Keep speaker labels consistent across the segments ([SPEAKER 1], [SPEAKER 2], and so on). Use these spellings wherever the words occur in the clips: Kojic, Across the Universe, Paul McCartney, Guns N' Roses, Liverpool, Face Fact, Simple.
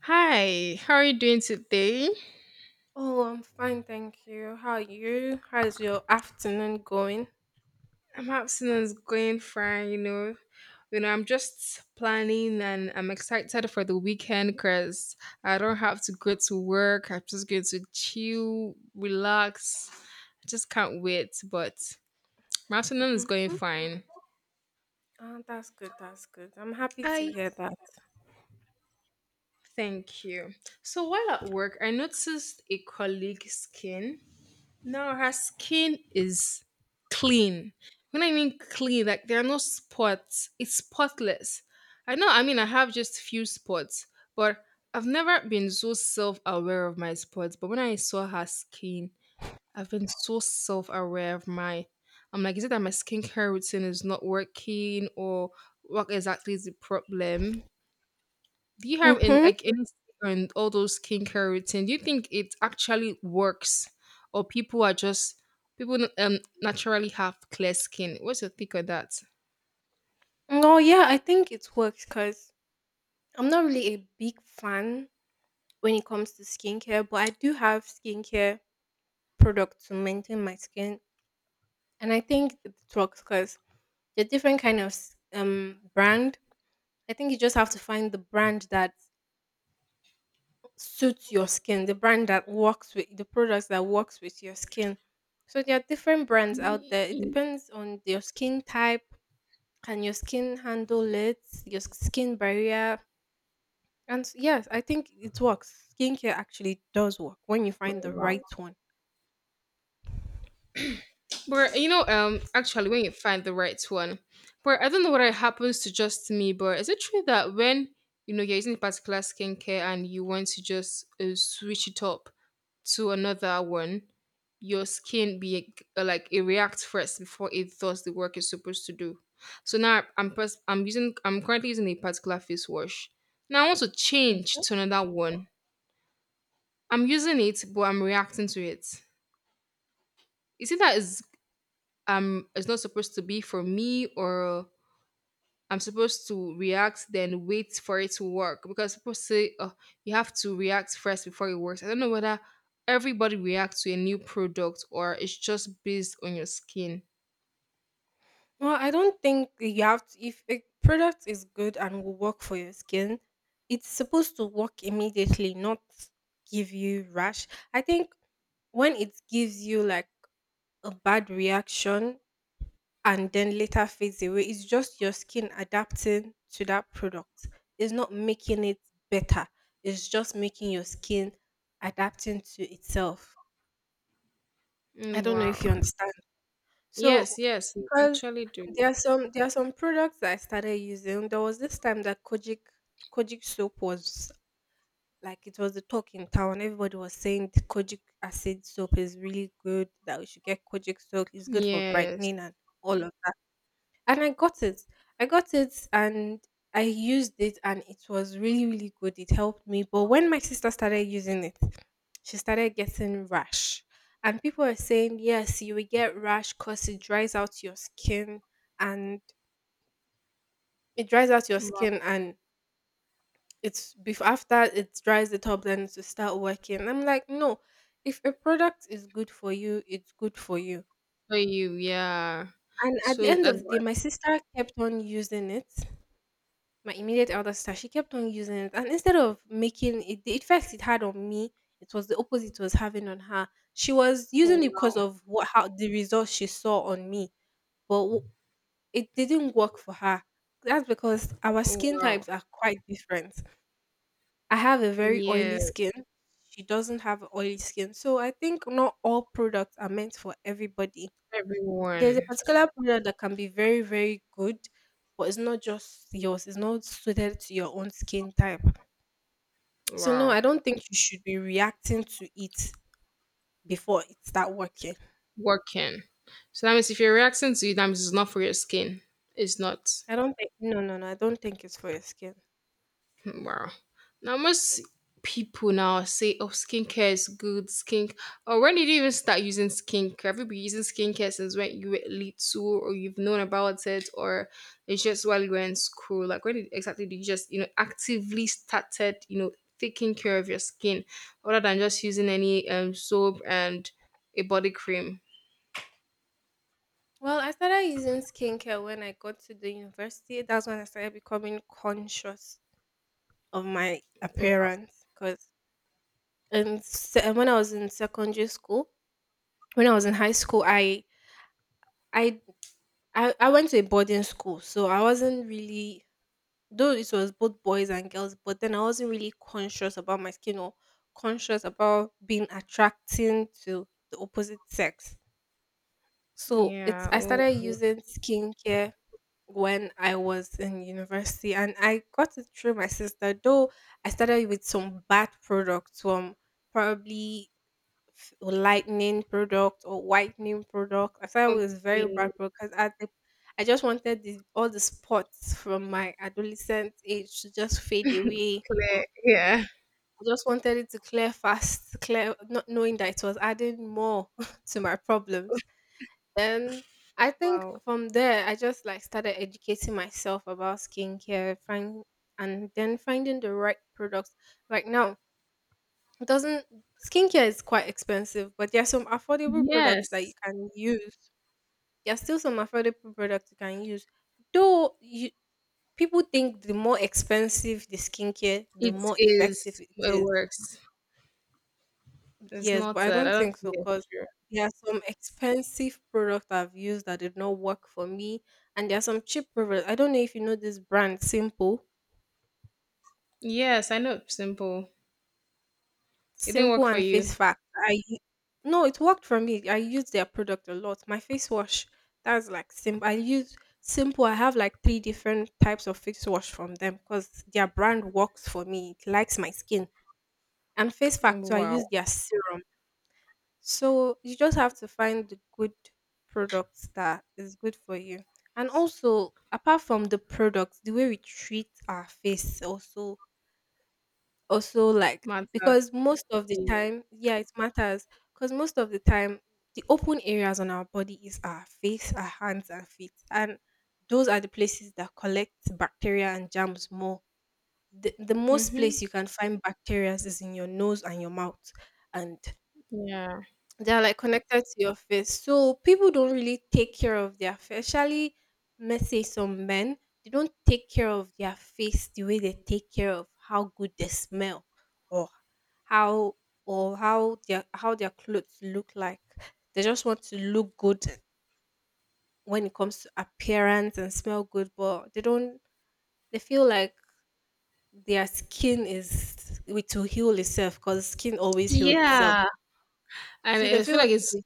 [SPEAKER 1] Hi, how are you doing today?
[SPEAKER 2] Oh, I'm fine, thank you. How are you? How's your afternoon going?
[SPEAKER 1] I'm is going fine. I'm just planning and I'm excited for the weekend because I don't have to go to work. I'm just going to chill, relax. I just can't wait, but my afternoon is going
[SPEAKER 2] Mm-hmm.
[SPEAKER 1] fine.
[SPEAKER 2] Ah, that's good. That's good. I'm happy to
[SPEAKER 1] I
[SPEAKER 2] hear that.
[SPEAKER 1] thank you. So while at work, I noticed a colleague's skin. No, her skin is clean. When I mean clean, like there are no spots. It's spotless. I know, I mean, I have just few spots, but I've never been so self aware of my spots. But when I saw her skin, I've been so self aware of my. I'm like, is it that my skincare routine is not working, or what exactly is the problem? Do you have in
[SPEAKER 2] Mm-hmm.
[SPEAKER 1] like any and all those skincare routine? Do you think it actually works, or people are just people naturally have clear skin? What's your take on that?
[SPEAKER 2] No, yeah, I think it works because I'm not really a big fan when it comes to skincare, but I do have skincare products to maintain my skin, and I think it works because they're different kind of brand. I think you just have to find the brand that suits your skin, the brand that works with the products that works with your skin. So there are different brands out there. It depends on your skin type. Can your skin handle it? Your skin barrier. Yes, I think it works. Skincare actually does work when you find the
[SPEAKER 1] Wow.
[SPEAKER 2] right one.
[SPEAKER 1] But actually, when you find the right one, but I don't know whether it happens to just me, but is it true that when you're using a particular skincare and you want to just switch it up, to another one, your skin be like it reacts first before it does the work it's supposed to do. So now I'm currently using a particular face wash. Now I want to change
[SPEAKER 2] Mhm.
[SPEAKER 1] to another one. I'm using it, but I'm reacting to it. Is it that is it's not supposed to be for me, or I'm supposed to react, then wait for it to work. Because people say, oh, you have to react first before it works. I don't know whether everybody reacts to a new product or it's just based on your skin.
[SPEAKER 2] Well, I don't think you have to. If a product is good and will work for your skin, it's supposed to work immediately, not give you rash. I think when it gives you like a bad reaction and then later fades away, it's just your skin adapting to that product. It's not making it better. It's just making your skin adapting to itself. I
[SPEAKER 1] Mm,
[SPEAKER 2] don't know if you
[SPEAKER 1] wow.
[SPEAKER 2] understand.
[SPEAKER 1] Yes,
[SPEAKER 2] So,
[SPEAKER 1] yes, you
[SPEAKER 2] because
[SPEAKER 1] actually do.
[SPEAKER 2] there are some products that I started using. There was this time that Kojic soap was like it was the talk in town. Everybody was saying the Kojic acid soap is really good, that we should get Kojic soap. It's good for
[SPEAKER 1] Yes.
[SPEAKER 2] brightening and all of, and I got it. I got it and I used it and it was really, really good. It helped me. But when my sister started using it, she started getting rash. And people are saying, yes, you will get rash because it dries out your skin and it dries out your
[SPEAKER 1] Wow.
[SPEAKER 2] skin and it's after it dries it up then to start working. I'm like, no, if a product is good for you, it's good for you.
[SPEAKER 1] For you, yeah.
[SPEAKER 2] And at
[SPEAKER 1] So
[SPEAKER 2] the
[SPEAKER 1] it's
[SPEAKER 2] end of the day,
[SPEAKER 1] advice.
[SPEAKER 2] my sister kept on using it. My immediate elder sister, she kept on using it, and instead of making it the effects it had on me, it was the opposite it was having on her. She was
[SPEAKER 1] Oh,
[SPEAKER 2] using it because
[SPEAKER 1] wow.
[SPEAKER 2] of what how the results she saw on me, but it didn't work for her. That's because our
[SPEAKER 1] Oh,
[SPEAKER 2] skin
[SPEAKER 1] wow.
[SPEAKER 2] types are quite different. I have a very oily
[SPEAKER 1] Yeah.
[SPEAKER 2] skin. She doesn't have oily skin. So I think not all products are meant for everybody. There's a
[SPEAKER 1] Everyone.
[SPEAKER 2] particular product that can be very, very good but it's not just yours. It's not suited to your own skin type. So no,
[SPEAKER 1] Wow.
[SPEAKER 2] I don't think you should be reacting to it before it start working.
[SPEAKER 1] Working. So that means if you're reacting to it, that means it's not for your skin. It's not.
[SPEAKER 2] I don't think, no no no, I don't think it's for your skin.
[SPEAKER 1] Hmm, wow. Now most people now say, "Oh, skincare is good." Skink. Or when did you even start using skincare? Have you been using skincare since when you were little, or you've known about it, or it's just while you were in school? Like exactly did you just actively started taking care of your skin, other than just using any soap and a body cream?
[SPEAKER 2] Well, I started using skincare when I got to the university. That's when I started becoming conscious of my appearance. Because and when I was in secondary school, when I was in high school, I I went to a boarding school, so I wasn't really, though it was both boys and girls, but then I wasn't really conscious about my skin or conscious about being attracting to the opposite sex. So it's
[SPEAKER 1] Yeah.
[SPEAKER 2] I
[SPEAKER 1] Oh,
[SPEAKER 2] started using skincare when I was in university and I got it through my sister, though I started with some bad products from probably lightening product or whitening product. I thought it was very
[SPEAKER 1] okay.
[SPEAKER 2] bad product because at the I just wanted this, all the spots from my adolescent age to just fade away.
[SPEAKER 1] Clear. Yeah.
[SPEAKER 2] I just wanted it to clear fast, clear, not knowing that it was adding more to my problems. Then I think
[SPEAKER 1] Wow.
[SPEAKER 2] from there, I just like started educating myself about skincare, find and then finding the right products. Like now, it doesn't skincare is quite expensive, but there are some affordable products that you
[SPEAKER 1] Yes,
[SPEAKER 2] can use. There are still some affordable products you can use. Though you, people think the more expensive the skincare, the
[SPEAKER 1] it
[SPEAKER 2] more effective
[SPEAKER 1] is.
[SPEAKER 2] it
[SPEAKER 1] It
[SPEAKER 2] is.
[SPEAKER 1] works. It's
[SPEAKER 2] Yes, but
[SPEAKER 1] not
[SPEAKER 2] I
[SPEAKER 1] that. I
[SPEAKER 2] don't
[SPEAKER 1] don't
[SPEAKER 2] think so
[SPEAKER 1] think
[SPEAKER 2] because
[SPEAKER 1] it's true.
[SPEAKER 2] there are some expensive products I've used that did not work for me, and there are some cheap products. I don't know if you know this brand, Simple.
[SPEAKER 1] Yes, I know. Simple. It didn't work
[SPEAKER 2] Simple
[SPEAKER 1] for
[SPEAKER 2] and Face
[SPEAKER 1] you.
[SPEAKER 2] Fact. I no, it worked for me. I use their product a lot. My face wash, that's like Simple. I use Simple. I have like three different types of face wash from them because their brand works for me. It likes my skin. And Face Fact, so I
[SPEAKER 1] Wow.
[SPEAKER 2] use their serum. So you just have to find the good products that is good for you. And also, apart from the products, the way we treat our face also also, like
[SPEAKER 1] Matter.
[SPEAKER 2] because most of the
[SPEAKER 1] Yeah.
[SPEAKER 2] time, yeah, it matters because most of the time, the open areas on our body is our face, our hands, and feet, and those are the places that collect bacteria and germs more. The most
[SPEAKER 1] Mm-hmm.
[SPEAKER 2] place you can find bacteria is in your nose and your mouth, and
[SPEAKER 1] Yeah.
[SPEAKER 2] they're like connected to your face. So people don't really take care of their face. Especially let's say some men, they don't take care of their face the way they take care of how good they smell or how or how their clothes look like. They just want to look good when it comes to appearance and smell good, but they don't they feel like their skin is it will heal itself because skin always heals itself.
[SPEAKER 1] Yeah. And
[SPEAKER 2] So they
[SPEAKER 1] I feel
[SPEAKER 2] feel
[SPEAKER 1] like
[SPEAKER 2] it will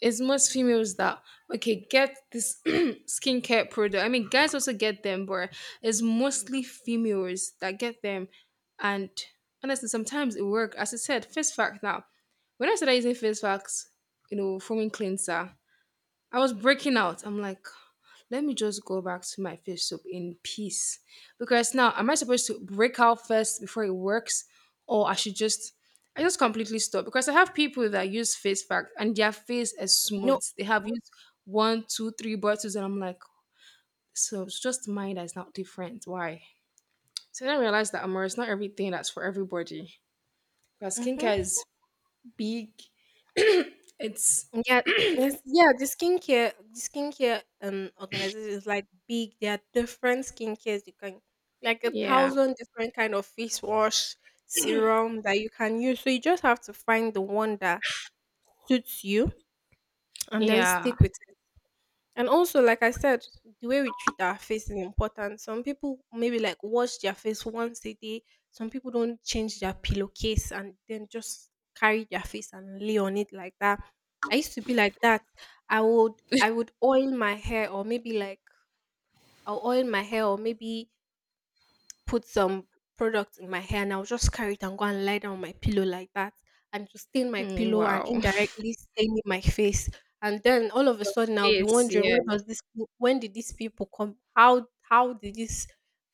[SPEAKER 1] it's most females that okay get this skincare product. I mean, guys also get them, but it's mostly females that get them. And honestly, sometimes it work. As I said, face fact now. When I started using face facts, you know, foaming cleanser, I was breaking out. I'm like, let me just go back to my fish soup in peace. Because now, am I supposed to break out first before it works, or I should just, I just completely stop? Because I have people that use face pack and their face is
[SPEAKER 2] no
[SPEAKER 1] smooth. They have used one, two, three bottles, and I'm like, so it's just mine that's not different. Why? So then I realized that Amor, it's not everything that's for everybody. Because
[SPEAKER 2] mhm.
[SPEAKER 1] skincare is big. It's
[SPEAKER 2] Yeah, yes, yeah, the skincare, the skincare organization is like big. There are different skincares you can, like a
[SPEAKER 1] yeah,
[SPEAKER 2] thousand different kind of face wash, serum that you can use. So you just have to find the one that suits you and then
[SPEAKER 1] yeah.
[SPEAKER 2] stick with it. And also, like I said, the way we treat our face is important. Some people maybe like wash their face once a day. Some people don't change their pillowcase and then just carry their face and lay on it like that. I used to be like that. I would I would oil my hair or maybe like I'll oil my hair or maybe put some product in my hair and I'll just carry it and go and lie down on my pillow like that and to stain my
[SPEAKER 1] Mm,
[SPEAKER 2] pillow and
[SPEAKER 1] wow.
[SPEAKER 2] indirectly staining my face. And then all of a sudden I'll be
[SPEAKER 1] Yes,
[SPEAKER 2] wondering
[SPEAKER 1] yeah.
[SPEAKER 2] when does this when did these people come? How did this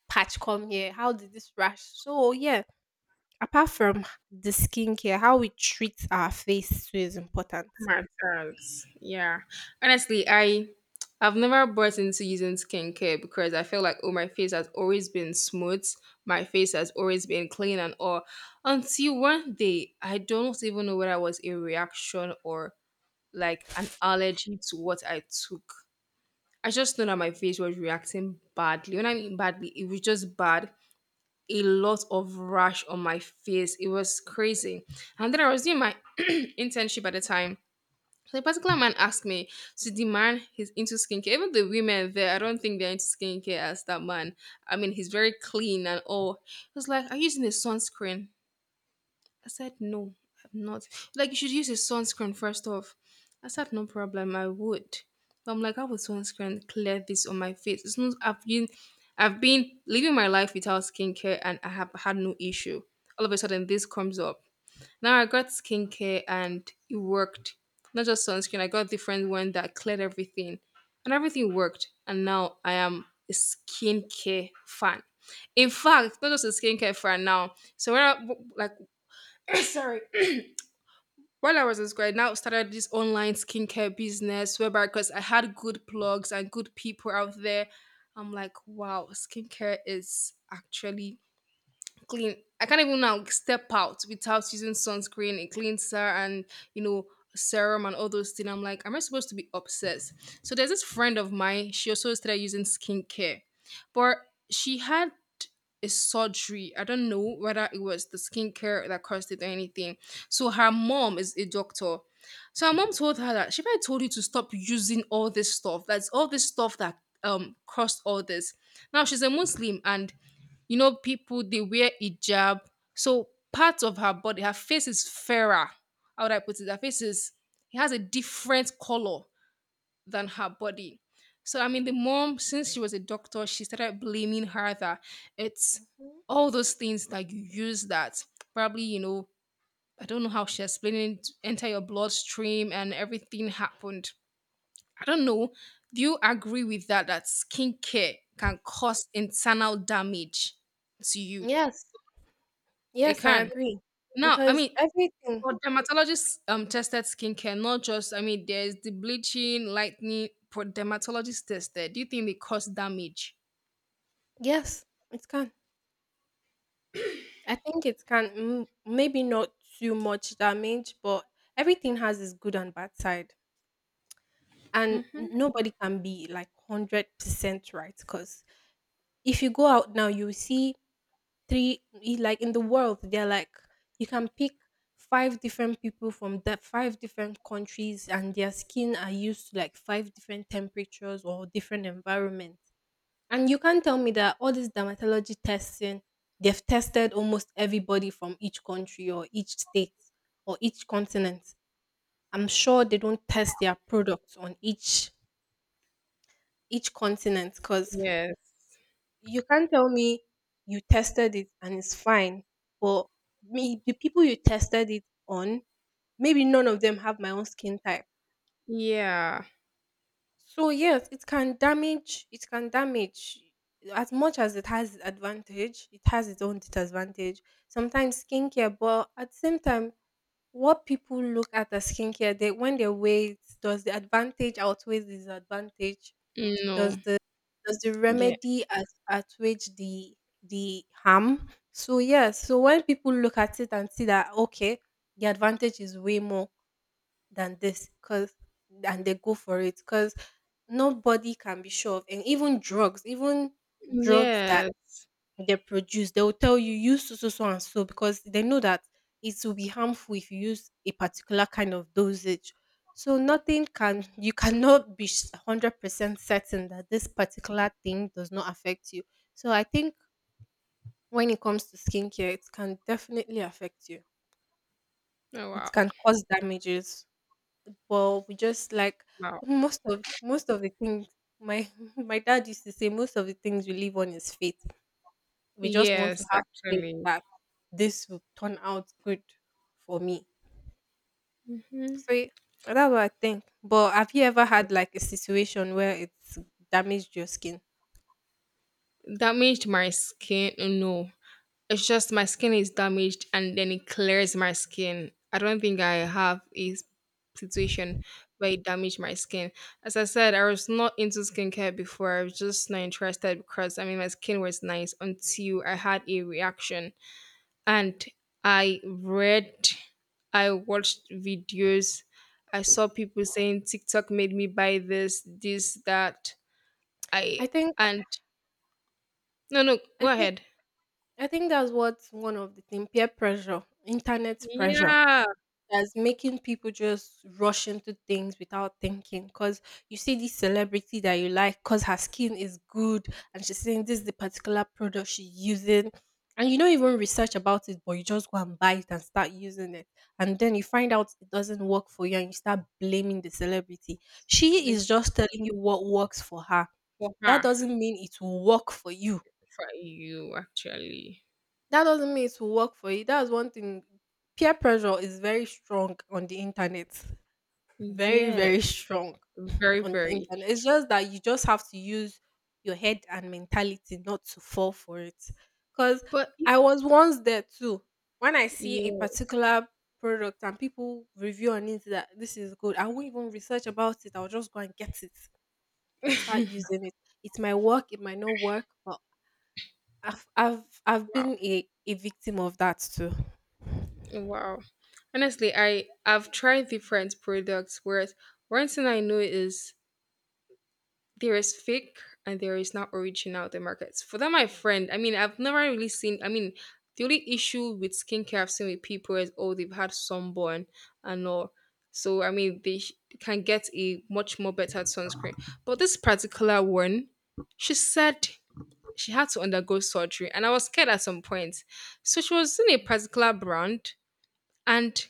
[SPEAKER 2] patch come here? How did this rash? So yeah, apart from the skincare, how we treat our face too is important.
[SPEAKER 1] Matters. Yeah. Honestly, I've never bought into using skincare because I feel like oh my face has always been smooth, my face has always been clean and all. Until one day, I don't even know whether it was a reaction or like an allergy to what I took. I just know that my face was reacting badly. When I mean badly, it was just bad. A lot of rash on my face. It was crazy. And then I was doing my internship at the time so a particular man asked me to demand he's into skincare. Even the women there, I don't think they're into skincare as that man. I mean, he's very clean and all. He was like, are you using a sunscreen? I said, no, I'm not. Like, you should use a sunscreen first off. I said, no problem, I would. But I'm like, how would sunscreen clear this on my face? It's not I've been living my life without skincare and I have had no issue. All of a sudden this comes up. Now I got skincare and it worked. Not just sunscreen, I got different one that cleared everything. And everything worked. And now I am a skincare fan. In fact, not just a skincare fan now. So when I, like sorry. While I was in school, I now started this online skincare business whereby because I had good blogs and good people out there. I'm like, wow, skincare is actually clean. I can't even now step out without using sunscreen, a cleanser, and you know serum and all those things. I'm like, am I supposed to be obsessed? So there's this friend of mine. She also started using skincare, but she had a surgery. I don't know whether it was the skincare that caused it or anything. So her mom is a doctor. So her mom told her that she might told you to stop using all this stuff. That's all this stuff that caused all this. Now she's a Muslim and people they wear hijab, so part of her body, her face is fairer. How would I put it? Her face is it has a different color than her body. So I mean, the mom, since she was a doctor, she started blaming her that it's
[SPEAKER 2] Mhm.
[SPEAKER 1] all those things that you use that probably I don't know how she explained it enter your bloodstream and everything happened. I don't know. Do you agree with that? That skincare can cause internal damage to you?
[SPEAKER 2] Yes.
[SPEAKER 1] It
[SPEAKER 2] Yes, I
[SPEAKER 1] can.
[SPEAKER 2] agree.
[SPEAKER 1] Now, I
[SPEAKER 2] Because
[SPEAKER 1] mean,
[SPEAKER 2] everything
[SPEAKER 1] for dermatologist tested skincare, not just I mean, there's the bleaching, lightning. For dermatologist tested, do you think they cause damage?
[SPEAKER 2] yes, it can. I think it can. M Maybe not too much damage, but everything has its good and bad side, and n nobody can be, like, 100% right, cause. If you go out now, you'll see three, like in the world, they're like, you can pick five different people from that five different countries, and their skin are used to like five different temperatures or different environments. And you can't tell me that all this dermatology testing, they've tested almost everybody from each country or each state or each continent. I'm sure they don't test their products on each continent because
[SPEAKER 1] Yes.
[SPEAKER 2] you can't tell me you tested it and it's fine, but me the people you tested it on, maybe none of them have my own skin type.
[SPEAKER 1] Yeah.
[SPEAKER 2] So yes, it can damage. It can damage. As much as it has advantage, it has its own disadvantage. Sometimes skincare, but at the same time, what people look at as skincare, they when they weigh it, does the advantage outweigh the disadvantage?
[SPEAKER 1] No.
[SPEAKER 2] Does the does the
[SPEAKER 1] Yeah.
[SPEAKER 2] remedy as assuage the harm? So yes, so when people look at it and see that okay, the advantage is way more than this, cause and they go for it, cause nobody can be sure of, and even drugs that
[SPEAKER 1] Yes.
[SPEAKER 2] they produce, they will tell you use so so so and so because they know that it will be harmful if you use a particular kind of dosage. So nothing can you cannot be 100% certain that this particular thing does not affect you. So I think when it comes to skincare, it can definitely affect you.
[SPEAKER 1] Oh,
[SPEAKER 2] It
[SPEAKER 1] wow.
[SPEAKER 2] can cause damages. Well, we just like
[SPEAKER 1] Wow.
[SPEAKER 2] most of the things my my dad used to say most of the things we live on is faith. We just want to
[SPEAKER 1] Yes,
[SPEAKER 2] have faith
[SPEAKER 1] actually.
[SPEAKER 2] that this will turn out good for me.
[SPEAKER 1] Hmm.
[SPEAKER 2] So that's what I think. But have you ever had like a situation where it's damaged your skin?
[SPEAKER 1] Damaged my skin. No. It's just my skin is damaged and then it clears my skin. I don't think I have a s- situation where it damaged my skin. As I said, I was not into skincare before. I was just not interested because I mean my skin was nice until I had a reaction. And I read, I watched videos, I saw people saying TikTok made me buy this, this, that. I
[SPEAKER 2] I think
[SPEAKER 1] and No, no,
[SPEAKER 2] I
[SPEAKER 1] go
[SPEAKER 2] think
[SPEAKER 1] ahead.
[SPEAKER 2] I think that's what one of the thing peer pressure, internet pressure.
[SPEAKER 1] Yeah.
[SPEAKER 2] That's making people just rush into things without thinking. Because you see this celebrity that you like, because her skin is good, and she's saying this is the particular product she's using. And you don't even research about it, but you just go and buy it and start using it. And then you find out it doesn't work for you and you start blaming the celebrity. She is
[SPEAKER 1] Exactly.
[SPEAKER 2] just telling you what works for her.
[SPEAKER 1] For
[SPEAKER 2] That
[SPEAKER 1] her.
[SPEAKER 2] doesn't mean it will work for you.
[SPEAKER 1] For you actually.
[SPEAKER 2] That doesn't mean it will work for you. That's one thing. Peer pressure is very strong on the internet, very
[SPEAKER 1] Yes,
[SPEAKER 2] very strong
[SPEAKER 1] very,
[SPEAKER 2] on the
[SPEAKER 1] very.
[SPEAKER 2] internet. It's just that you just have to use your head and mentality not to fall for it. Cause
[SPEAKER 1] But y-
[SPEAKER 2] I was once there too. When I see a
[SPEAKER 1] yeah,
[SPEAKER 2] particular product and people review on it that this is good, I won't even research about it. I'll just go and get it and start using it. It might work, it might not work, but I've
[SPEAKER 1] wow,
[SPEAKER 2] been a victim of that too.
[SPEAKER 1] wow. Honestly, I've tried different products. Whereas one thing I know is there is fake and there is not original the markets. For that, my friend. I mean, I've never really seen. I mean, the only issue with skincare I've seen with people is oh they've had sunburn and all. So I mean, they sh- can get a much more better sunscreen. But this particular one, she said she had to undergo surgery, and I was scared at some point. So she was in a particular brand, and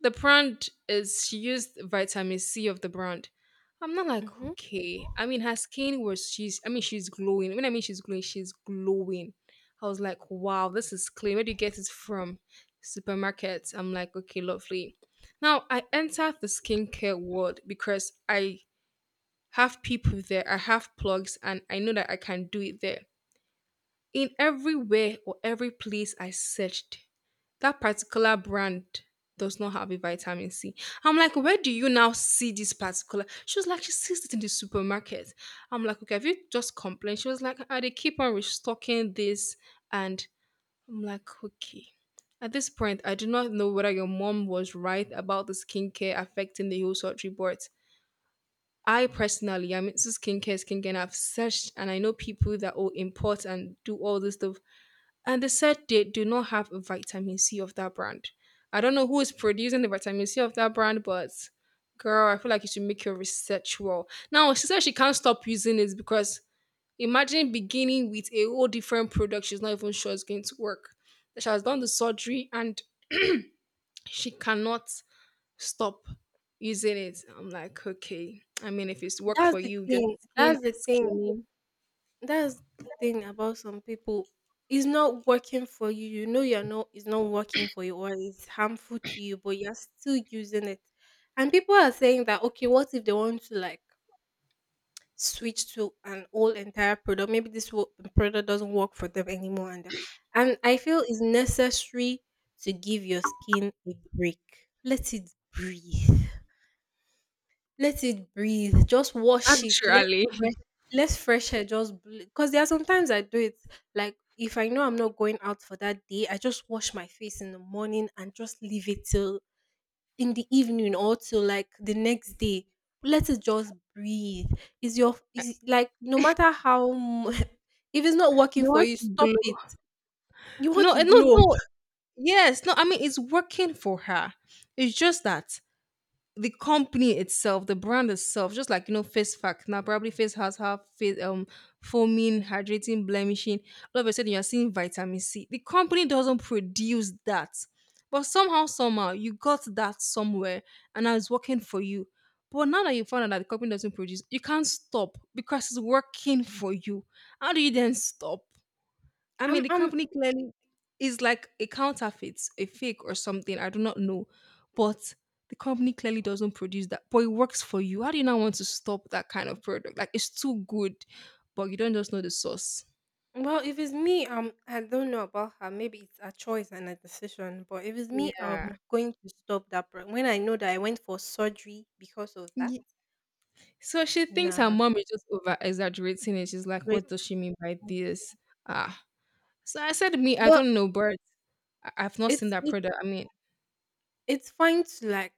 [SPEAKER 1] the brand is she used vitamin C of the brand. I'm not like
[SPEAKER 2] Mhm.
[SPEAKER 1] okay. I mean, her skin was she's. I mean, she's glowing. When I mean she's glowing, she's glowing. I was like, wow, this is clean. Where do you get it from? Supermarket. I'm like, okay, lovely. Now I entered the skincare world because I have people there. I have plugs, and I know that I can do it there. In everywhere or every place I searched, that particular brand does not have a vitamin C. I'm like, where do you now see this particular? She was like, she sees it in the supermarket. I'm like, okay, have you just complained? She was like, ah, they keep on restocking this. And I'm like, okay. At this point, I do not know whether your mom was right about the skincare affecting the whole surgery board. I personally, I'm into skincare, and I've searched and I know people that will import and do all this stuff. And they said they do not have a vitamin C of that brand. I don't know who is producing the vitamin C of that brand, but girl, I feel like you should make your research well. Now, she said she can't stop using it because imagine beginning with a whole different product she's not even sure is going to work. She has done the surgery and she cannot stop using it. I'm like, okay. I mean, if it's work
[SPEAKER 2] That's
[SPEAKER 1] for
[SPEAKER 2] the
[SPEAKER 1] you, your
[SPEAKER 2] thing.
[SPEAKER 1] skin
[SPEAKER 2] That's the
[SPEAKER 1] is
[SPEAKER 2] thing.
[SPEAKER 1] skinny.
[SPEAKER 2] That's the thing about some people. It's not working for you. You know you're not it's not working for you or it's harmful to you, but you're still using it. And people are saying that okay, what if they want to like switch to an whole entire product. Maybe this product doesn't work for them anymore, and I feel it's necessary to give your skin a break. Let it breathe. Let it breathe. Just wash it. Let
[SPEAKER 1] Actually,
[SPEAKER 2] fresh. Let fresh air just because there are sometimes I do it like if I know I'm not going out for that day, I just wash my face in the morning and just leave it till in the evening or till like the next day, let it just breathe is your is like no matter how if it's not working
[SPEAKER 1] you
[SPEAKER 2] for
[SPEAKER 1] want
[SPEAKER 2] you,
[SPEAKER 1] to
[SPEAKER 2] stop it.
[SPEAKER 1] glow.
[SPEAKER 2] You want
[SPEAKER 1] No,
[SPEAKER 2] to
[SPEAKER 1] eh, no,
[SPEAKER 2] glow.
[SPEAKER 1] no. Yes, no, I mean it's working for her. It's just that the company itself, the brand itself, just like, face fact. Now probably face has her face foaming, hydrating, blemishing. All of a sudden you're seeing vitamin C. The company doesn't produce that. But somehow, somehow, you got that somewhere and now it's working for you. But now that you found out that the company doesn't produce, you can't stop because it's working for you. How do you then stop? I mean, the
[SPEAKER 2] I'm
[SPEAKER 1] company clearly is like a counterfeit, a fake or something. I do not know. But the company clearly doesn't produce that, but it works for you. How do you not want to stop that kind of product? Like, it's too good, but you don't just know the source.
[SPEAKER 2] Well, if it's me, I don't know about her, maybe it's a choice and a decision, but if it's me,
[SPEAKER 1] Yeah.
[SPEAKER 2] I'm going to stop that when I know that I went for surgery because of that.
[SPEAKER 1] Ye- So she thinks her
[SPEAKER 2] Nah.
[SPEAKER 1] mom is just over exaggerating it. She's like,
[SPEAKER 2] Right.
[SPEAKER 1] what does she mean by this? Ah. So I said, me, I
[SPEAKER 2] But
[SPEAKER 1] don't know, but I've not seen
[SPEAKER 2] it's
[SPEAKER 1] that
[SPEAKER 2] it.
[SPEAKER 1] product. I mean,
[SPEAKER 2] It's fine to like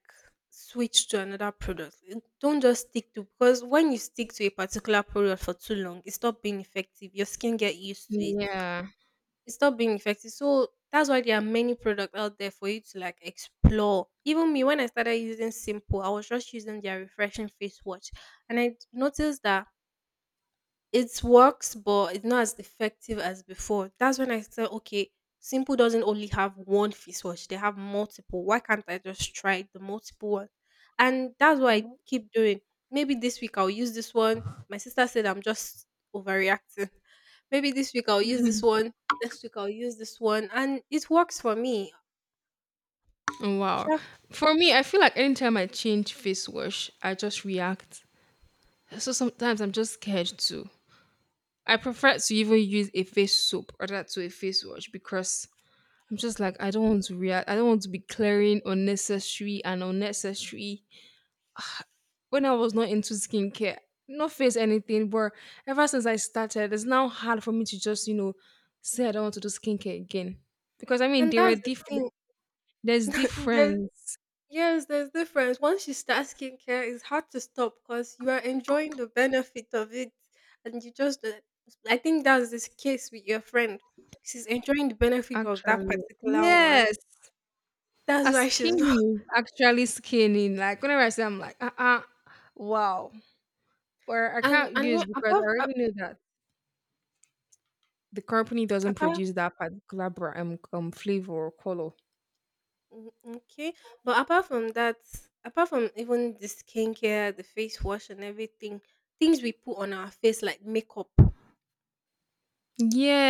[SPEAKER 2] switch to another product. Don't just stick to, because when you stick to a particular product for too long, it stop being effective. Your skin get used to it.
[SPEAKER 1] yeah.
[SPEAKER 2] It stop being effective. So that's why there are many products out there for you to like explore. Even me, when I started using Simple, I was just using their refreshing face wash, and I noticed that it works, but it's not as effective as before. That's when I said, okay, Simple doesn't only have one face wash; they have multiple. Why can't I just try the multiple one? And that's what I keep doing. Maybe this week I'll use this one. My sister said I'm just overreacting. Maybe this week I'll use this one. Next week I'll use this one, and it works for me.
[SPEAKER 1] Wow.
[SPEAKER 2] Sha-
[SPEAKER 1] For me, I feel like anytime I change face wash, I just react. So sometimes I'm just scared too. I prefer to even use a face soap rather to a face wash because I'm just like I don't want to react. I don't want to be clearing unnecessary and unnecessary. When I was not into skincare, not face anything, but ever since I started, it's now hard for me to just say I don't want to do skincare again because I mean
[SPEAKER 2] And
[SPEAKER 1] there were
[SPEAKER 2] that's the thing.
[SPEAKER 1] different. There's
[SPEAKER 2] There's
[SPEAKER 1] difference
[SPEAKER 2] Yes, there's difference. Once you start skincare, it's hard to stop because you are enjoying the benefit of it, and you just. I think that's this case with your friend. She's enjoying the benefit of that
[SPEAKER 1] actually.
[SPEAKER 2] particular one.
[SPEAKER 1] Yes,
[SPEAKER 2] That's
[SPEAKER 1] her
[SPEAKER 2] why she's
[SPEAKER 1] skin
[SPEAKER 2] not.
[SPEAKER 1] is actually skinning. Like whenever I say, I'm like, wow. Or I can't
[SPEAKER 2] And
[SPEAKER 1] use
[SPEAKER 2] when,
[SPEAKER 1] because I
[SPEAKER 2] apart a-
[SPEAKER 1] already know that the company doesn't
[SPEAKER 2] apart,
[SPEAKER 1] produce that particular flavor or color.
[SPEAKER 2] mm, okay, but apart from that, apart from even the skincare, the face wash, and everything, things we put on our face like makeup.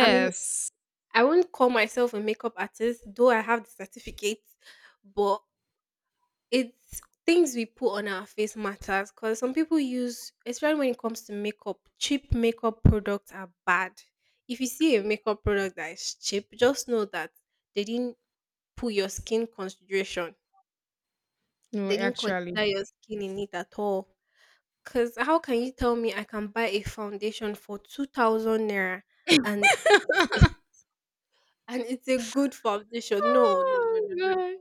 [SPEAKER 2] I mean, I won't call myself a makeup artist, though I have the certificate, but it's things we put on our face matters because some people use, especially when it comes to makeup, cheap makeup products are bad. If you see a makeup product that is cheap, just know that they didn't put your skin consideration.
[SPEAKER 1] No,
[SPEAKER 2] They didn't
[SPEAKER 1] actually.
[SPEAKER 2] consider your skin in it at all. Cause how can you tell me I can buy a foundation for 2,000 naira and it's- and it's a good foundation? No, no, no, no,
[SPEAKER 1] Oh
[SPEAKER 2] no, no.
[SPEAKER 1] god.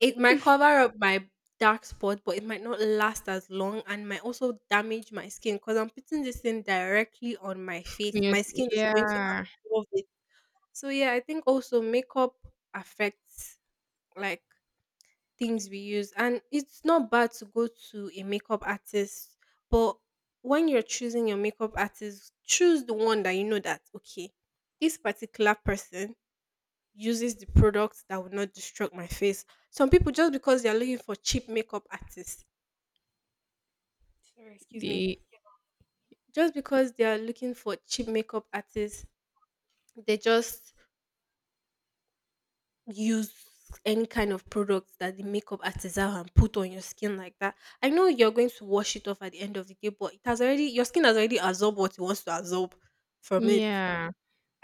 [SPEAKER 2] It might cover up my dark spot, but it might not last as long and might also damage my skin because I'm putting this thing directly on my face.
[SPEAKER 1] Yes.
[SPEAKER 2] My skin is going to
[SPEAKER 1] Yeah.
[SPEAKER 2] absorb it. So yeah, I think also makeup affects like things we use. And it's not bad to go to a makeup artist, but when you're choosing your makeup artist, choose the one that you know that okay, this particular person uses the products that would not destruct my face. Some people, just because they are looking for cheap makeup artists, sorry, excuse me,
[SPEAKER 1] The
[SPEAKER 2] just because they are looking for cheap makeup artists, they just use any kind of product that the makeup artists have and put on your skin like that. I know you're going to wash it off at the end of the day, but it has already, your skin has already absorbed what it wants to absorb from it
[SPEAKER 1] yeah.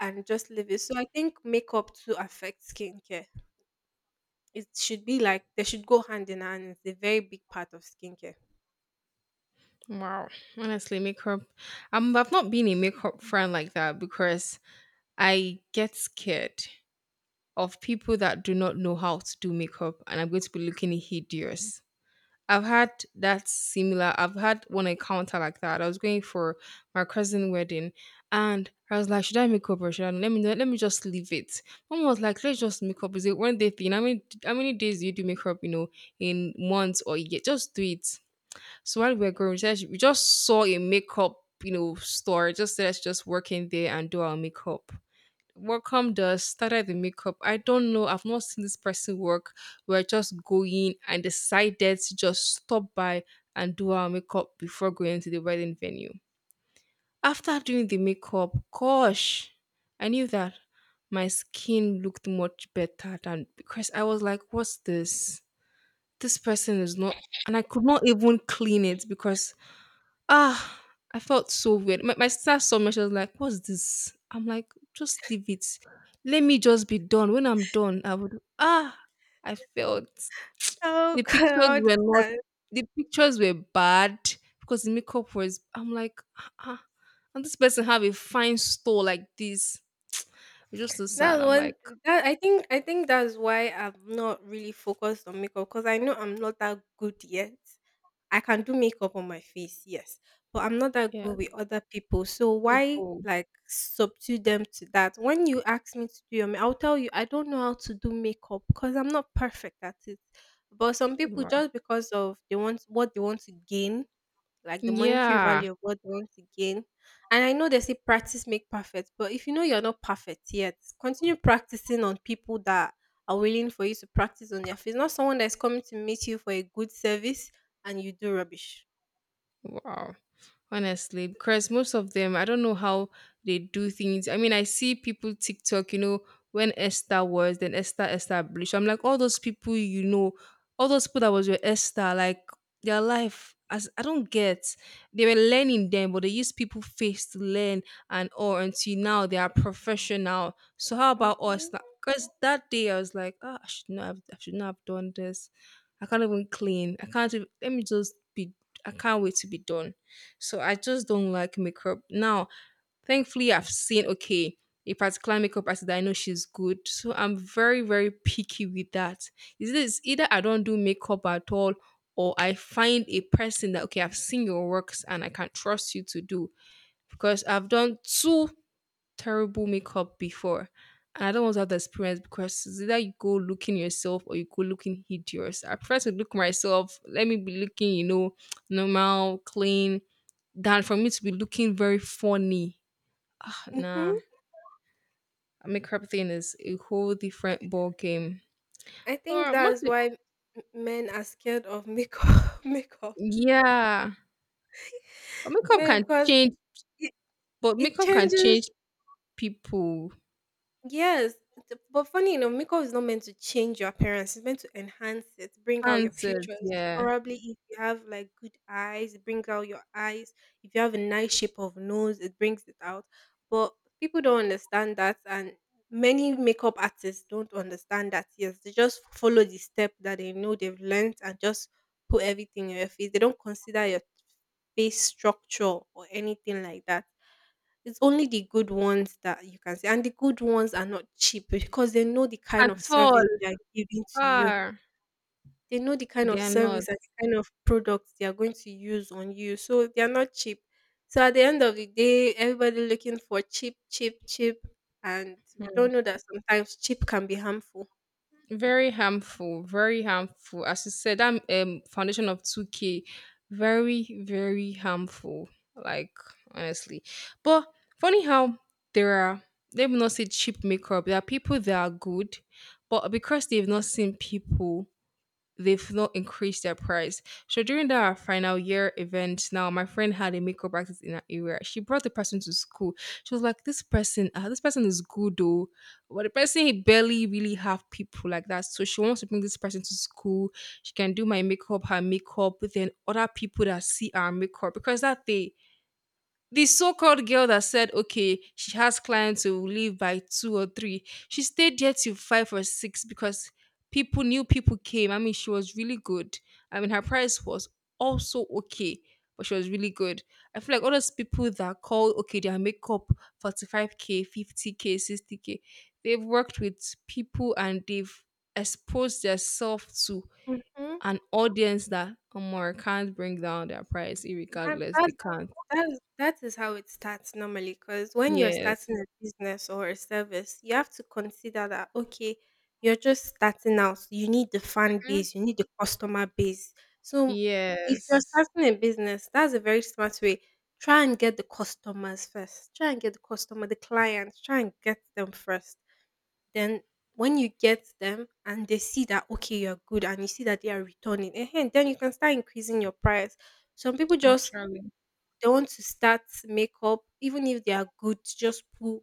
[SPEAKER 2] and just leave it. So I think makeup to affect skincare. It should be like they should go hand in hand. It's a very big part of skincare.
[SPEAKER 1] Wow. Honestly, makeup. I've not been a makeup fan like that because I get scared of people that do not know how to do makeup and I'm going to be looking hideous. I've had one encounter like that. I was going for my cousin's wedding and I was like, should I make up or should I let me just leave it? Mom was like, let's just make up. Is it one day thing? How many days do you do makeup, you know, in months or year? Just do it. So while we were going, we just saw a makeup, you know, store. It just said let's just work in there and do our makeup. Welcome. Does started the makeup. I don't know. I've not seen this person work. We're just going and decided to just stop by and do our makeup before going to the wedding venue. After doing the makeup, gosh, I knew that my skin looked much better than because I was like, what's this? This person is not, and I could not even clean it because ah, I felt so weird. My sister saw me, she was like, what's this? I'm like, just leave it. Let me just be done. When I'm done, I would. Ah, I felt
[SPEAKER 2] Oh
[SPEAKER 1] the pictures
[SPEAKER 2] God.
[SPEAKER 1] were not,
[SPEAKER 2] uh,
[SPEAKER 1] the pictures were bad because the makeup was. I'm like, ah, ah, and this person have a fine store like this. It's just so sad.
[SPEAKER 2] That's
[SPEAKER 1] I'm
[SPEAKER 2] one
[SPEAKER 1] like,
[SPEAKER 2] thing that I think that's why I'm not really focused on makeup because I know I'm not that good yet. I can do makeup on my face, yes, but I'm not that
[SPEAKER 1] yeah,
[SPEAKER 2] good with other people. So why
[SPEAKER 1] people.
[SPEAKER 2] like subdue them to that? When you ask me to do your, ma- I'll tell you I don't know how to do makeup because I'm not perfect at it. But some people,
[SPEAKER 1] Wow.
[SPEAKER 2] just because of they want what they want to gain, like the monetary
[SPEAKER 1] Yeah.
[SPEAKER 2] value of what they want to gain. And I know they say practice make perfect, but if you know you're not perfect yet, continue practicing on people that are willing for you to practice on their face, not someone that's coming to meet you for a good service and you do rubbish.
[SPEAKER 1] Wow. Honestly, because most of them I don't know how they do things. I mean I see people TikTok, you know, when Esther was then Esther established. I'm like all those people, you know, all those people that was your Esther like their life as I don't get. They were learning then but they use people face to learn and all until now they are professional, so how about
[SPEAKER 2] Mm-hmm.
[SPEAKER 1] us? Because that day I was like ah, I should not have done this. I can't even, let me just be. I can't wait to be done, so I just don't like makeup. Now, thankfully, I've seen okay a particular makeup artist that I know she's good. So I'm very picky with that. Is this either I don't do makeup at all, or I find a person that okay I've seen your works and I can trust you to do because I've done two terrible makeup before. And I don't want to have the experience because it's either you go looking yourself or you go looking hideous. I prefer to look myself. Let me be looking, you know, normal, clean, than for me to be looking very funny. Ah, nah,
[SPEAKER 2] Mm-hmm.
[SPEAKER 1] makeup thing is a whole different ball game.
[SPEAKER 2] I think
[SPEAKER 1] Or
[SPEAKER 2] that's
[SPEAKER 1] mostly,
[SPEAKER 2] why men are scared of makeup. Makeup,
[SPEAKER 1] yeah, but makeup can
[SPEAKER 2] Because
[SPEAKER 1] change. But
[SPEAKER 2] it
[SPEAKER 1] makeup can
[SPEAKER 2] changes,
[SPEAKER 1] change people.
[SPEAKER 2] yes. But funny enough, makeup is not meant to change your appearance. It's meant to enhance it, bring out your
[SPEAKER 1] Answers,
[SPEAKER 2] features.
[SPEAKER 1] yeah,
[SPEAKER 2] Probably if you have like good eyes, it brings out your eyes. If you have a nice shape of nose, it brings it out. But people don't understand that, and many makeup artists don't understand that. Yes, they just follow the step that they know they've learned and just put everything in your face. They don't consider your face structure or anything like that. It's only the good ones that you can see, and the good ones are not cheap because they know the kind
[SPEAKER 1] at
[SPEAKER 2] of
[SPEAKER 1] all.
[SPEAKER 2] service they are giving to you.
[SPEAKER 1] Ah,
[SPEAKER 2] They know the kind
[SPEAKER 1] they
[SPEAKER 2] of
[SPEAKER 1] are not.
[SPEAKER 2] service and the kind of products they are going to use on you, so they are not cheap. So at the end of the day, everybody looking for cheap, cheap, cheap, and we don't know that sometimes cheap can be harmful.
[SPEAKER 1] Very harmful, very harmful. As you said, that foundation of 2K, very, very harmful. Like, honestly. But funny how there are, let me not say cheap makeup, there are people that are good, but because they've not seen people they've not increased their price. So during that final year event, now my friend had a makeup practice in her area. She brought the person to school. She was like, "This person, ah, this person is good though, but the person he barely really have people like that." So she wants to bring this person to school. She can do my makeup, her makeup, but then other people that see our makeup because that day the so-called girl that said, okay, she has clients who leave by two or three. She stayed there till five or six because people new people came. I mean, she was really good. I mean, her price was also okay, but she was really good. I feel like all those people that call okay their makeup 45k, 50k, 60k, they've worked with people and they've exposed themselves to
[SPEAKER 2] Hmm.
[SPEAKER 1] an audience that Omar can't bring down their price,
[SPEAKER 2] That,
[SPEAKER 1] irregardless.
[SPEAKER 2] that
[SPEAKER 1] They can't.
[SPEAKER 2] That is how it starts normally, because when you're
[SPEAKER 1] Yes.
[SPEAKER 2] starting a business or a service, you have to consider that okay, you're just starting out. You need the fan base, you need the customer base. So if you're
[SPEAKER 1] Yes,
[SPEAKER 2] starting a business, that's a very smart way. Try and get the customers first. Try and get the customer, the clients. Try and get them first. Then when you get them and they see that okay, you're good, and you see that they are returning, and then you can start increasing your price. Some people just
[SPEAKER 1] actually,
[SPEAKER 2] they want to start makeup, even if they are good, just put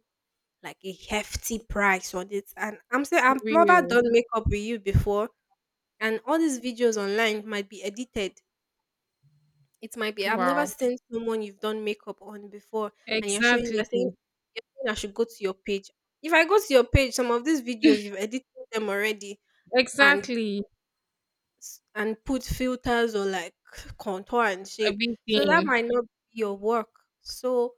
[SPEAKER 2] like a hefty price on it. And I'm saying I've never
[SPEAKER 1] real.
[SPEAKER 2] done makeup with you before, and all these videos online might be edited. It might be I've never
[SPEAKER 1] Wow.
[SPEAKER 2] seen someone you've done makeup on before, and you're showing
[SPEAKER 1] Exactly.
[SPEAKER 2] you're saying you're saying I should go to your page. If I go to your page, some of these videos you've edited them already and
[SPEAKER 1] Exactly.
[SPEAKER 2] and put filters or like contour and shape. So that
[SPEAKER 1] Everything,
[SPEAKER 2] might not be your work. So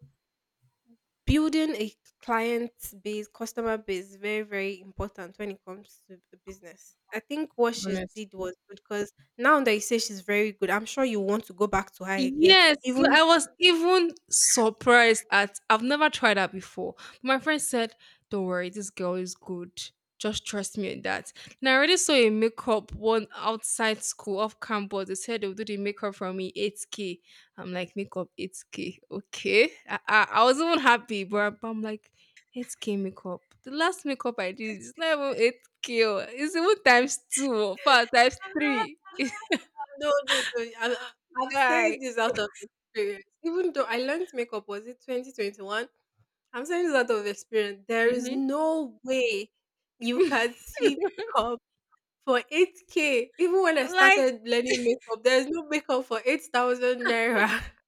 [SPEAKER 2] building a client base, customer base is very, very important when it comes to the business. I think what she did
[SPEAKER 1] honestly.
[SPEAKER 2] was good because now that you say she's very good, I'm sure you want to go back to her again.
[SPEAKER 1] Yes, no,
[SPEAKER 2] Even
[SPEAKER 1] I was even surprised at I've never tried that before. My friend said, don't worry, this girl is good. Just trust me on that. And I already saw a makeup one outside school off campus. They said they'll do the makeup for me 8K. I'm like, makeup 8K. Okay. I was even happy, but I'm like, 8K makeup. The last makeup I did is not even 8K. Oh, it's even times two, or far times three.
[SPEAKER 2] Ah, no, no, no. I'm saying
[SPEAKER 1] Guy.
[SPEAKER 2] this out of experience. Even though I learned makeup was it 2021, I'm saying this out of experience. There is
[SPEAKER 1] Hmm.
[SPEAKER 2] no way you can see makeup for 8K. Even when I
[SPEAKER 1] Like,
[SPEAKER 2] started learning makeup, there's no makeup for 8,000 naira.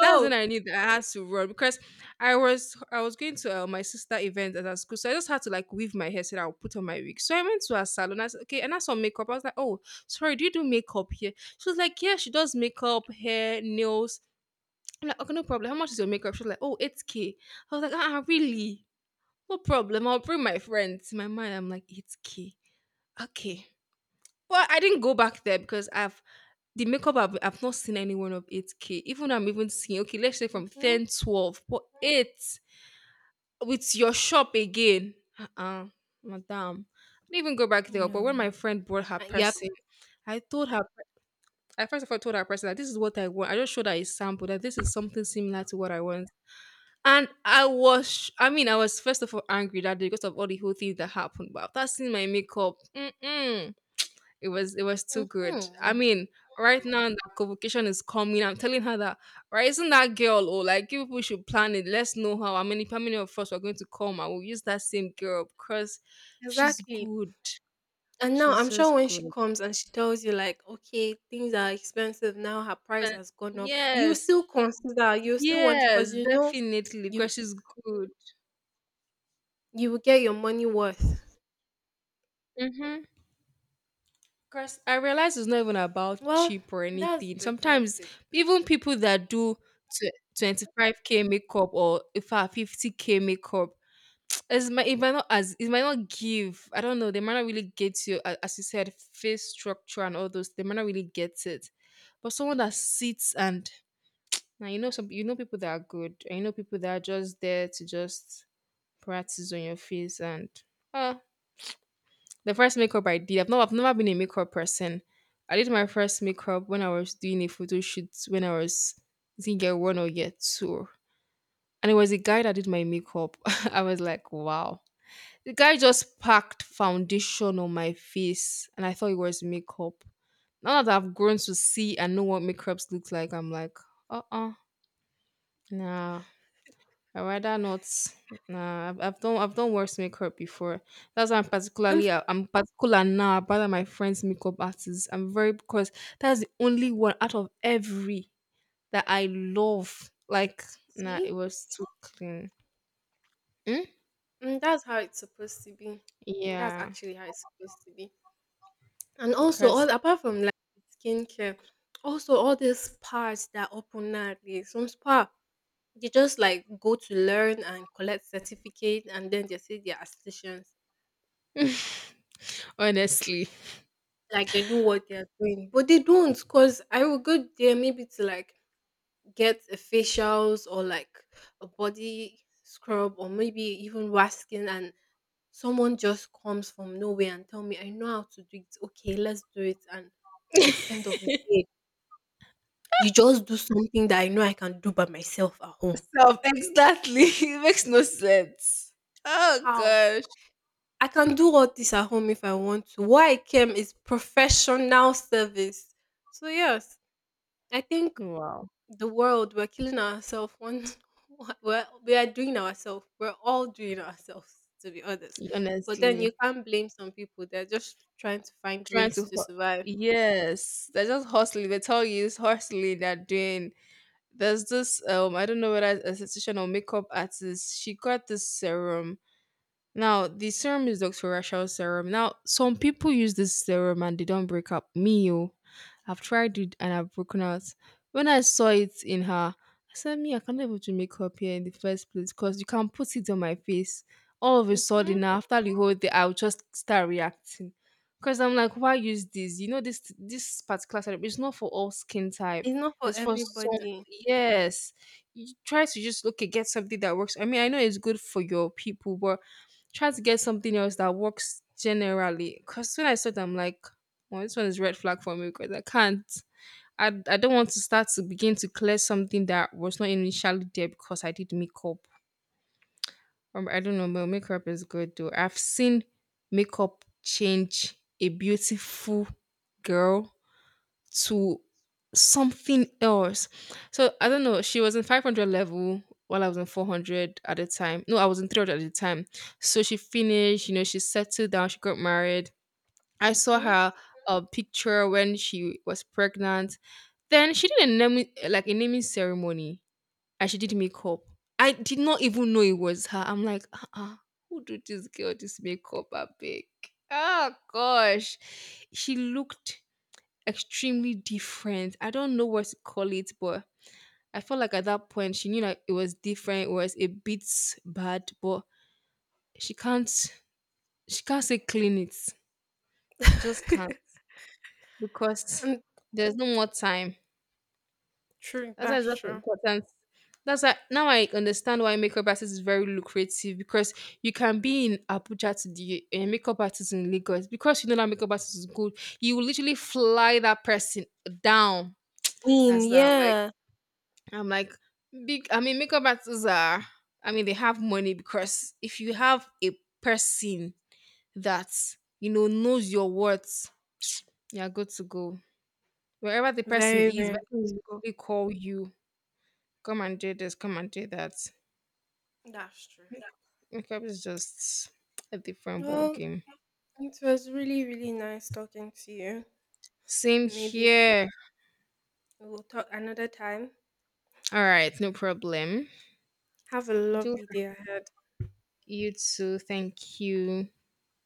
[SPEAKER 1] that's when I knew that I had to run because I was going to my sister event at her school, so I just had to like weave my hair so that I would put on my wig. So I went to her salon. I said, okay, and I saw makeup. I was like, oh, sorry, do you do makeup here? She was like, yeah, she does makeup, hair, nails. I'm like, okay, no problem. How much is your makeup? She was like, oh, 8K. I was like, ah, really? No problem. I'll bring my friends. In my mind, I'm like, 8K. Okay. Well, I didn't go back there because I have the makeup I've not seen anyone of 8k. Even I'm even seeing okay, let's say from
[SPEAKER 2] Mhm.
[SPEAKER 1] ten twelve 12, but 8 with your shop again. Uh-uh, madam. I didn't even go back there. But when my
[SPEAKER 2] No.
[SPEAKER 1] friend brought her
[SPEAKER 2] Yep.
[SPEAKER 1] person, I told her I first of all told her person that this is what I want. I just showed her a sample that this is something similar to what I want. And I mean, I was first of all angry that day because of all the whole thing that happened. But after seeing my makeup, mm-mm. It was too good. I
[SPEAKER 2] Mhm.
[SPEAKER 1] mean, right now that convocation is coming. I'm telling her that right, isn't that girl or like you people should plan it. Let's know how many of us are going to come and we'll use that same girl because she's
[SPEAKER 2] Exactly.
[SPEAKER 1] good.
[SPEAKER 2] And now
[SPEAKER 1] She's
[SPEAKER 2] I'm sure
[SPEAKER 1] just
[SPEAKER 2] when she
[SPEAKER 1] good.
[SPEAKER 2] comes and she tells you like, "Okay, things are expensive now, her price
[SPEAKER 1] But
[SPEAKER 2] has gone up." You
[SPEAKER 1] yes,
[SPEAKER 2] still consider, you still want, because
[SPEAKER 1] yes,
[SPEAKER 2] you know
[SPEAKER 1] definitely.
[SPEAKER 2] you
[SPEAKER 1] Because she's good.
[SPEAKER 2] you will get your money worth.
[SPEAKER 1] Mm-hmm. Because I realize it's not even about
[SPEAKER 2] Well,
[SPEAKER 1] cheap or
[SPEAKER 2] that's
[SPEAKER 1] anything.
[SPEAKER 2] good, that's
[SPEAKER 1] Sometimes
[SPEAKER 2] good.
[SPEAKER 1] even people that do 25k makeup or if 50k makeup, it might not as it might not give. I don't know. They might not really get you, a- as you said, face structure and all those. They might not really get it. But someone that sits and now you know some you know people that are good and you know people that are just there to just practice on your face and uh the first makeup I did. I've never been a makeup person. I did my first makeup when I was doing a photo shoot when I think year one or year two. And it was a guy that did my makeup. I was like, wow. The guy just packed foundation on my face and I thought it was makeup. Now that I've grown to see and know what makeups looks like, I'm like, uh uh nah. I rather not. Nah, I've done worse makeup before. That's why I'm
[SPEAKER 2] Um,
[SPEAKER 1] particularly I'm particular now about that my friends' makeup artists. I'm very because that's the only one out of every that I love. Like nah,
[SPEAKER 2] see?
[SPEAKER 1] it was too clean. Hmm?
[SPEAKER 2] Mm, that's how it's supposed to be. That's
[SPEAKER 1] Yeah,
[SPEAKER 2] actually how it's supposed to be. And also
[SPEAKER 1] because
[SPEAKER 2] all apart from like skincare, also all these spas that open nowadays, some spa, they just like go to learn and collect certificate and then they say they're estheticians.
[SPEAKER 1] honestly,
[SPEAKER 2] Like they know what they're doing. But they don't, because I will go there maybe to like get a facials or like a body scrub or maybe even wasking, and someone just comes from nowhere and tell me I know how to do it. Okay, let's do it. And at the end of the day, you just do something that I know I can do by myself at home.
[SPEAKER 1] self, exactly. It makes no sense. Oh
[SPEAKER 2] How?
[SPEAKER 1] gosh.
[SPEAKER 2] I can do all this at home if I want to. What I came is professional service. So yes, I think
[SPEAKER 1] Wow.
[SPEAKER 2] the world we're killing ourselves one we are doing ourselves. We're all doing ourselves, to be honest. But then you
[SPEAKER 1] Honestly,
[SPEAKER 2] can't blame some people. They're just trying to find
[SPEAKER 1] trying
[SPEAKER 2] ways
[SPEAKER 1] to
[SPEAKER 2] to
[SPEAKER 1] hu-
[SPEAKER 2] survive.
[SPEAKER 1] yes, they're just hustling. They tell you it's hustling. They're doing. There's this. I don't know whether it's a esthetician or makeup artist. She got this serum. Now, the serum is Dr. Rachel's serum. Now, some people use this serum and they don't break up. Me, oh, I've tried it and I've broken out. When I saw it in her, I said, me, I can't even do makeup here in the first place because you can put it on my face. All of a sudden,
[SPEAKER 2] Hmm.
[SPEAKER 1] now, after the whole day, I'll just start reacting. Because I'm like, why use this? You know, this particular serum is not for all skin type.
[SPEAKER 2] It's not for
[SPEAKER 1] It's for some,
[SPEAKER 2] everybody.
[SPEAKER 1] yes. You try to just, okay, get something that works. I mean, I know it's good for your people, but try to get something else that works generally. Cause when I saw them, I'm like, well, this one is red flag for me because I can't. I don't want to start to begin to clear something that was not initially there because I did makeup. I don't know, my makeup is good though. I've seen makeup change a beautiful girl to something else. So I don't know. She was in 500 level while I was in 400 at the time. No, I was in 300 at the time. So she finished, you know, she settled down, she got married. I saw
[SPEAKER 2] Hmm.
[SPEAKER 1] her picture when she was pregnant. Then she did a naming, like a naming ceremony, and she did makeup. I did not even know it was her. I'm like, uh-uh, who do this girl this makeup? I big. Oh gosh, she looked extremely different. I don't know what to call it, but I felt like at that point she knew that it was different. It was a bit bad, but she can't she can't say clean it. She just can't because
[SPEAKER 2] And
[SPEAKER 1] there's no more time.
[SPEAKER 2] true,
[SPEAKER 1] That's why
[SPEAKER 2] that's
[SPEAKER 1] it's just
[SPEAKER 2] true.
[SPEAKER 1] important. That's why now I understand why makeup artist is very lucrative because you can be in Abuja to the a makeup artist in Lagos because you know that makeup artist is good. You will literally fly that person down
[SPEAKER 2] In
[SPEAKER 1] as like
[SPEAKER 2] yeah,
[SPEAKER 1] I'm like, big. I mean, makeup artists are. I mean, they have money because if you have a person that you know knows your words, you're good to go. Wherever the person
[SPEAKER 2] very
[SPEAKER 1] is, the
[SPEAKER 2] very
[SPEAKER 1] person
[SPEAKER 2] good to
[SPEAKER 1] will
[SPEAKER 2] go.
[SPEAKER 1] literally call you. Come and do this. Come and do that.
[SPEAKER 2] That's true.
[SPEAKER 1] Makeup is just a different ball
[SPEAKER 2] Well,
[SPEAKER 1] game.
[SPEAKER 2] it was really, really nice talking to you.
[SPEAKER 1] Same
[SPEAKER 2] Maybe
[SPEAKER 1] here.
[SPEAKER 2] we'll talk another time.
[SPEAKER 1] All right, no problem.
[SPEAKER 2] Have a
[SPEAKER 1] Do
[SPEAKER 2] lovely day ahead.
[SPEAKER 1] you too. Thank you.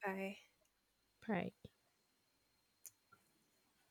[SPEAKER 2] Bye.
[SPEAKER 1] Bye.